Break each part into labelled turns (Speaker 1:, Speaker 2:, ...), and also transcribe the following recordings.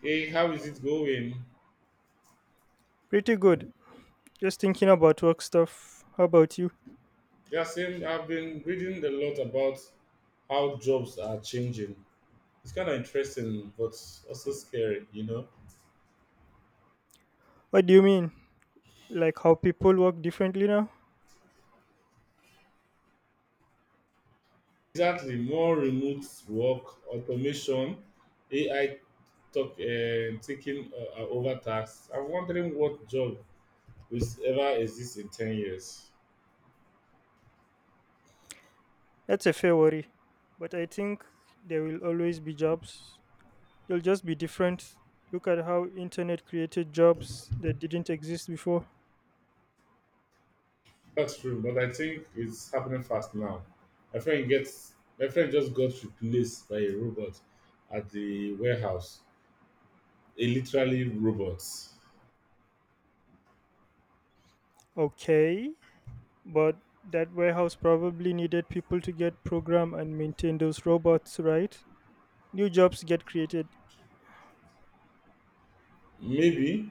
Speaker 1: Hey, how is it going?
Speaker 2: Pretty good. Just thinking about work stuff. How about you?
Speaker 1: Yeah, same. I've been reading a lot about how jobs are changing. It's kind of interesting, but also scary, you know?
Speaker 2: What do you mean? Like how people work differently now?
Speaker 1: Exactly. More remote work, automation, AI talk, taking over tasks. I'm wondering what job will ever exist in 10 years.
Speaker 2: That's a fair worry. But I think there will always be jobs. They'll just be different. Look at how internet created jobs that didn't exist before.
Speaker 1: That's true, but I think it's happening fast now. My friend just got replaced by a robot at the warehouse. A literally robot.
Speaker 2: Okay, but that warehouse probably needed people to get program and maintain those robots, right? New jobs get created.
Speaker 1: Maybe,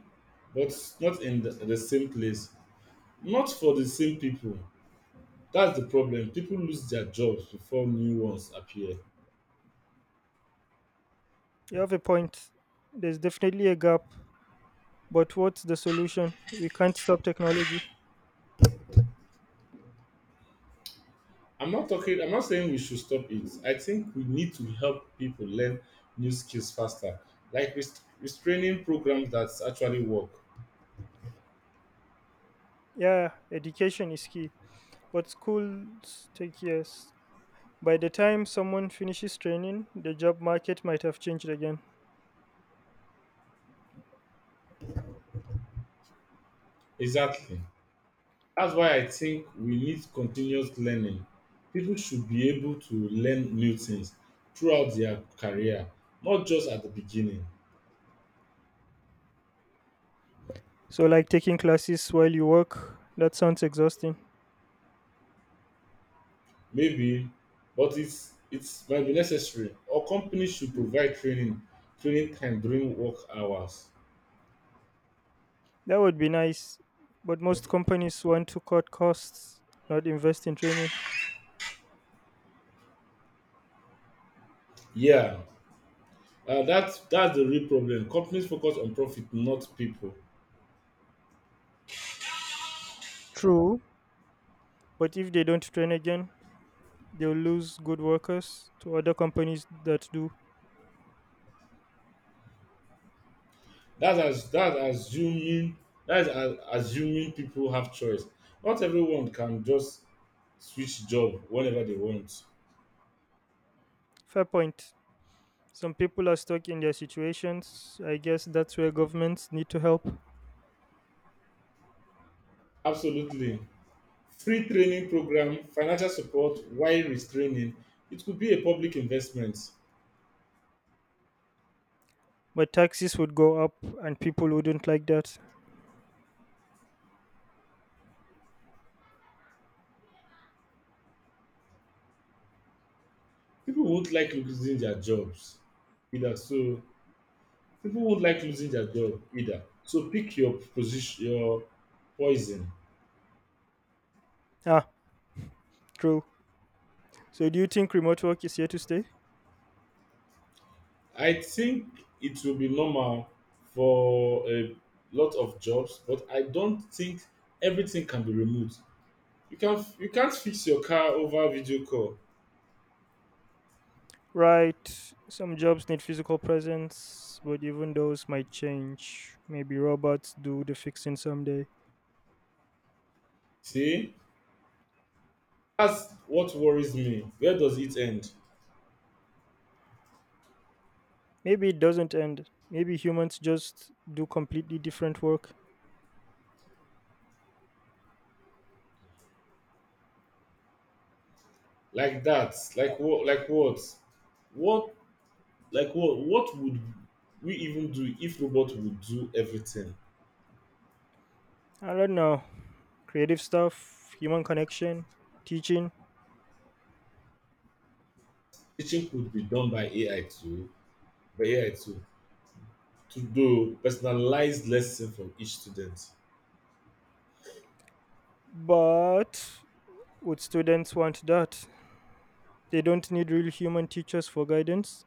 Speaker 1: but not in the same place, not for the same people. That's the problem. People lose their jobs before new ones appear.
Speaker 2: You have a point. There's definitely a gap. But what's the solution? We can't stop technology.
Speaker 1: I'm not talking. I'm not saying we should stop it. I think we need to help people learn new skills faster, like restraining programs that actually work.
Speaker 2: Yeah, education is key, but schools take years. By the time someone finishes training, the job market might have changed again.
Speaker 1: Exactly. That's why I think we need continuous learning. People should be able to learn new things throughout their career, not just at the beginning.
Speaker 2: So, like taking classes while you work, that sounds exhausting.
Speaker 1: Maybe, but it's might be necessary. Or companies should provide training, training time during work hours.
Speaker 2: That would be nice, but most companies want to cut costs, not invest in training.
Speaker 1: Yeah, that's the real problem. Companies focus on profit, not people.
Speaker 2: True, but if they don't train again, they'll lose good workers to other companies that do.
Speaker 1: That's as that's assuming assuming people have choice. Not everyone can just switch job whenever they want.
Speaker 2: Fair point. Some people are stuck in their situations. I guess that's where governments need to help.
Speaker 1: Absolutely. Free training program, financial support while restraining. It could be a public investment.
Speaker 2: But taxes would go up and people wouldn't like that.
Speaker 1: People won't like losing their jobs either. So People won't like losing their job either. So pick your position, your poison.
Speaker 2: Ah, true. So do you think remote work is here to stay?
Speaker 1: I think it will be normal for a lot of jobs, but I don't think everything can be remote. You can't fix your car over video call.
Speaker 2: Right. Some jobs need physical presence, but even those might change. Maybe robots do the fixing someday.
Speaker 1: See, that's what worries me. Where does it end?
Speaker 2: Maybe it doesn't end. Maybe humans just do completely different work.
Speaker 1: Like that like what like what would we even do if robot would do everything?
Speaker 2: I don't know. Creative stuff, human connection, teaching.
Speaker 1: Teaching could be done by AI too by ai too to do personalized lesson from each student.
Speaker 2: But would students want that? They don't need real human teachers for guidance.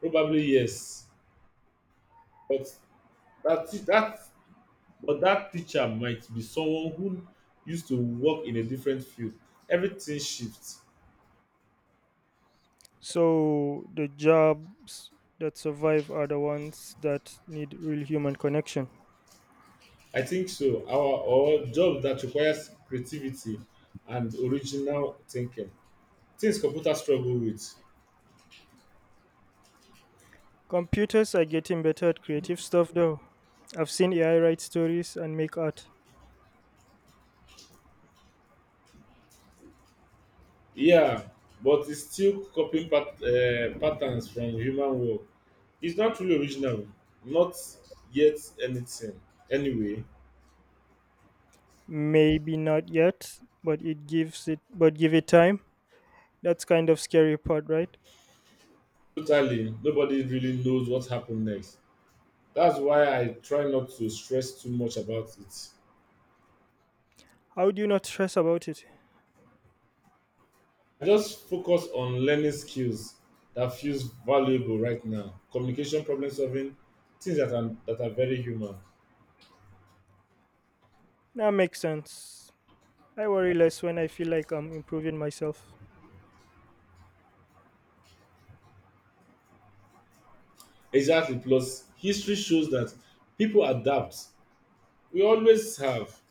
Speaker 1: Probably yes, but that te- that but that teacher might be someone who used to work in a different field. Everything shifts.
Speaker 2: So the jobs that survive are the ones that need real human connection.
Speaker 1: I think so. Our job that requires creativity and original thinking, things computer struggle with.
Speaker 2: Computers are getting better at creative stuff though. I've seen AI write stories and make art.
Speaker 1: Yeah, but it's still copying patterns from human work. It's not really original, not yet anything. Anyway,
Speaker 2: Maybe not yet, but it gives it but give it time. That's kind of scary part, right?
Speaker 1: totally, nobody really knows what happened next. That's why I try not to stress too much about it.
Speaker 2: How do you not stress about it?
Speaker 1: I just focus on learning skills that feels valuable right now. Communication, problem solving, things that are very human.
Speaker 2: That makes sense. I worry less when I feel like I'm improving myself.
Speaker 1: Exactly. Plus, history shows that people adapt, we always have.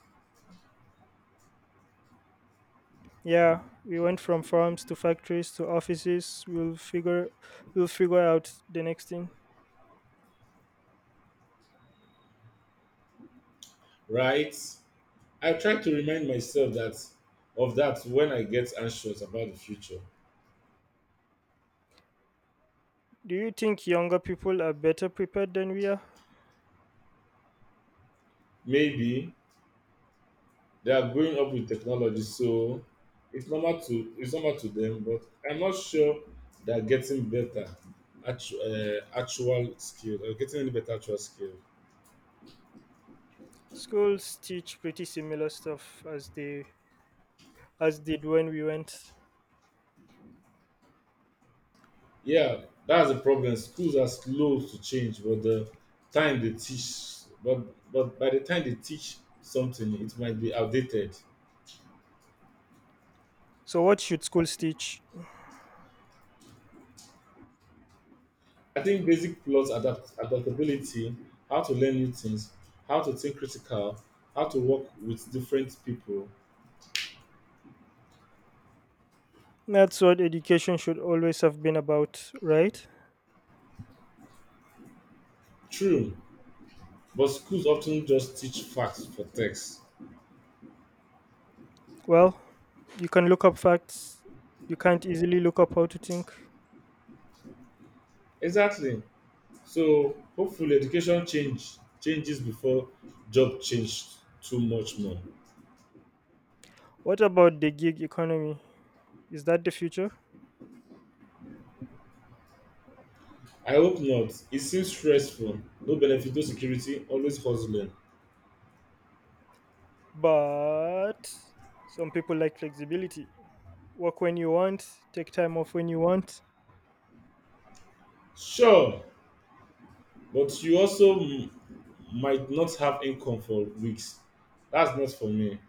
Speaker 2: Yeah, we went from farms to factories to offices. We'll figure out the next thing.
Speaker 1: Right, I try to remind myself that of that when I get anxious about the future.
Speaker 2: Do you think younger people are better prepared than we are?
Speaker 1: Maybe they are growing up with technology, so it's normal to them, but I'm not sure they're getting better actual skill. Are getting any better actual skill.
Speaker 2: Schools teach pretty similar stuff as they as did when we went.
Speaker 1: Yeah, that's the problem. Schools are slow to change, but the time they teach but but by the time they teach something, it might be outdated.
Speaker 2: So what should schools teach?
Speaker 1: I think basic plot adaptability, how to learn new things, how to think critical, how to work with different people.
Speaker 2: That's what education should always have been about, right?
Speaker 1: True, but schools often just teach facts for text.
Speaker 2: Well, you can look up facts. You can't easily look up how to think.
Speaker 1: Exactly. So hopefully education changes before job change too much more.
Speaker 2: What about the gig economy? Is that the future?
Speaker 1: I hope not. It seems stressful. No benefit, no security, always hustling.
Speaker 2: But some people like flexibility. Work when you want, take time off when you want.
Speaker 1: Sure, but you also might not have income for weeks. That's not for me.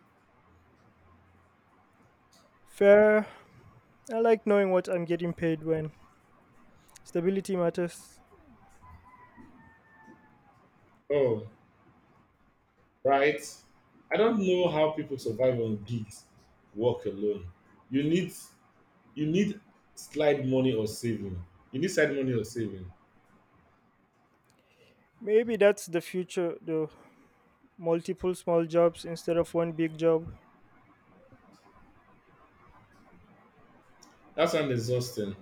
Speaker 2: Fair, I like knowing what I'm getting paid when. Stability matters.
Speaker 1: Oh, right. I don't know how people survive on gigs work alone. You need you need slide money or saving. You need side money or saving.
Speaker 2: Maybe that's the future, though. Multiple small jobs instead of one big job.
Speaker 1: That sounds exhausting.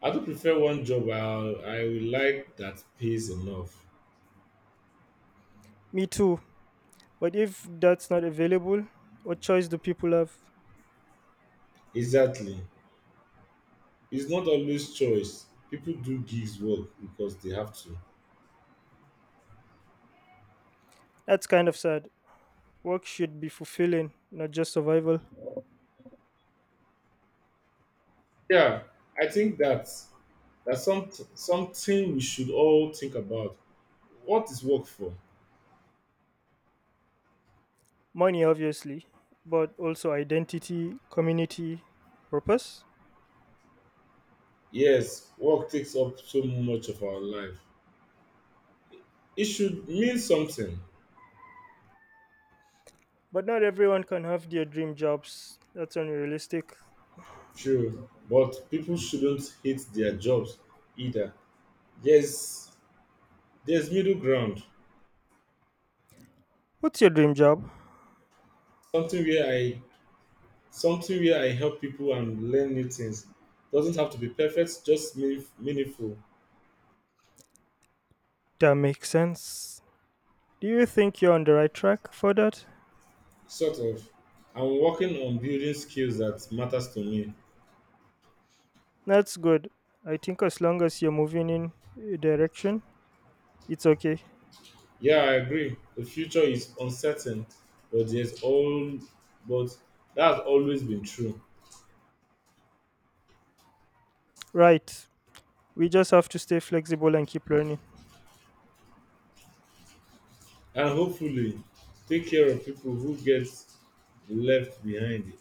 Speaker 1: I do prefer one job I will like that pays enough.
Speaker 2: Me too. But if that's not available, what choice do people have?
Speaker 1: Exactly. It's not always choice. People do gigs work because they have to.
Speaker 2: That's kind of sad. Work should be fulfilling, not just survival.
Speaker 1: Yeah, I think that's something we should all think about. What is work for?
Speaker 2: Money, obviously, but also identity, community, purpose.
Speaker 1: Yes, work takes up so much of our life. It should mean something,
Speaker 2: But not everyone can have their dream jobs. That's unrealistic.
Speaker 1: true, but people shouldn't hate their jobs either. There's there's middle ground.
Speaker 2: What's your dream job?
Speaker 1: Something where I Something where I help people and learn new things. Doesn't have to be perfect, just meaningful.
Speaker 2: That makes sense. Do you think you're on the right track for that?
Speaker 1: Sort of. I'm working on building skills that matters to me.
Speaker 2: That's good. I think as long as you're moving in a direction, it's okay.
Speaker 1: Yeah, I agree. The future is uncertain, but there's all but that's always been true.
Speaker 2: Right. We just have to stay flexible and keep learning.
Speaker 1: And hopefully take care of people who get left behind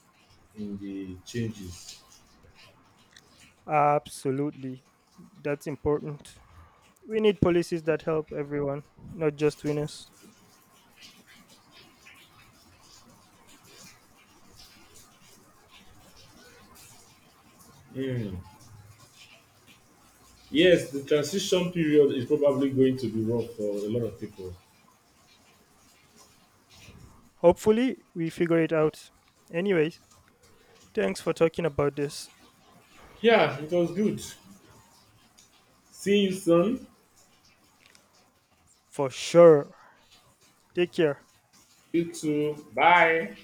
Speaker 1: in the changes.
Speaker 2: Absolutely. That's important. We need policies that help everyone, not just winners.
Speaker 1: Mm. Yes, the transition period is probably going to be rough for a lot of people.
Speaker 2: Hopefully, we figure it out. Anyways, thanks for talking about this.
Speaker 1: Yeah, it was good. See you soon.
Speaker 2: For sure. Take care.
Speaker 1: You too. Bye.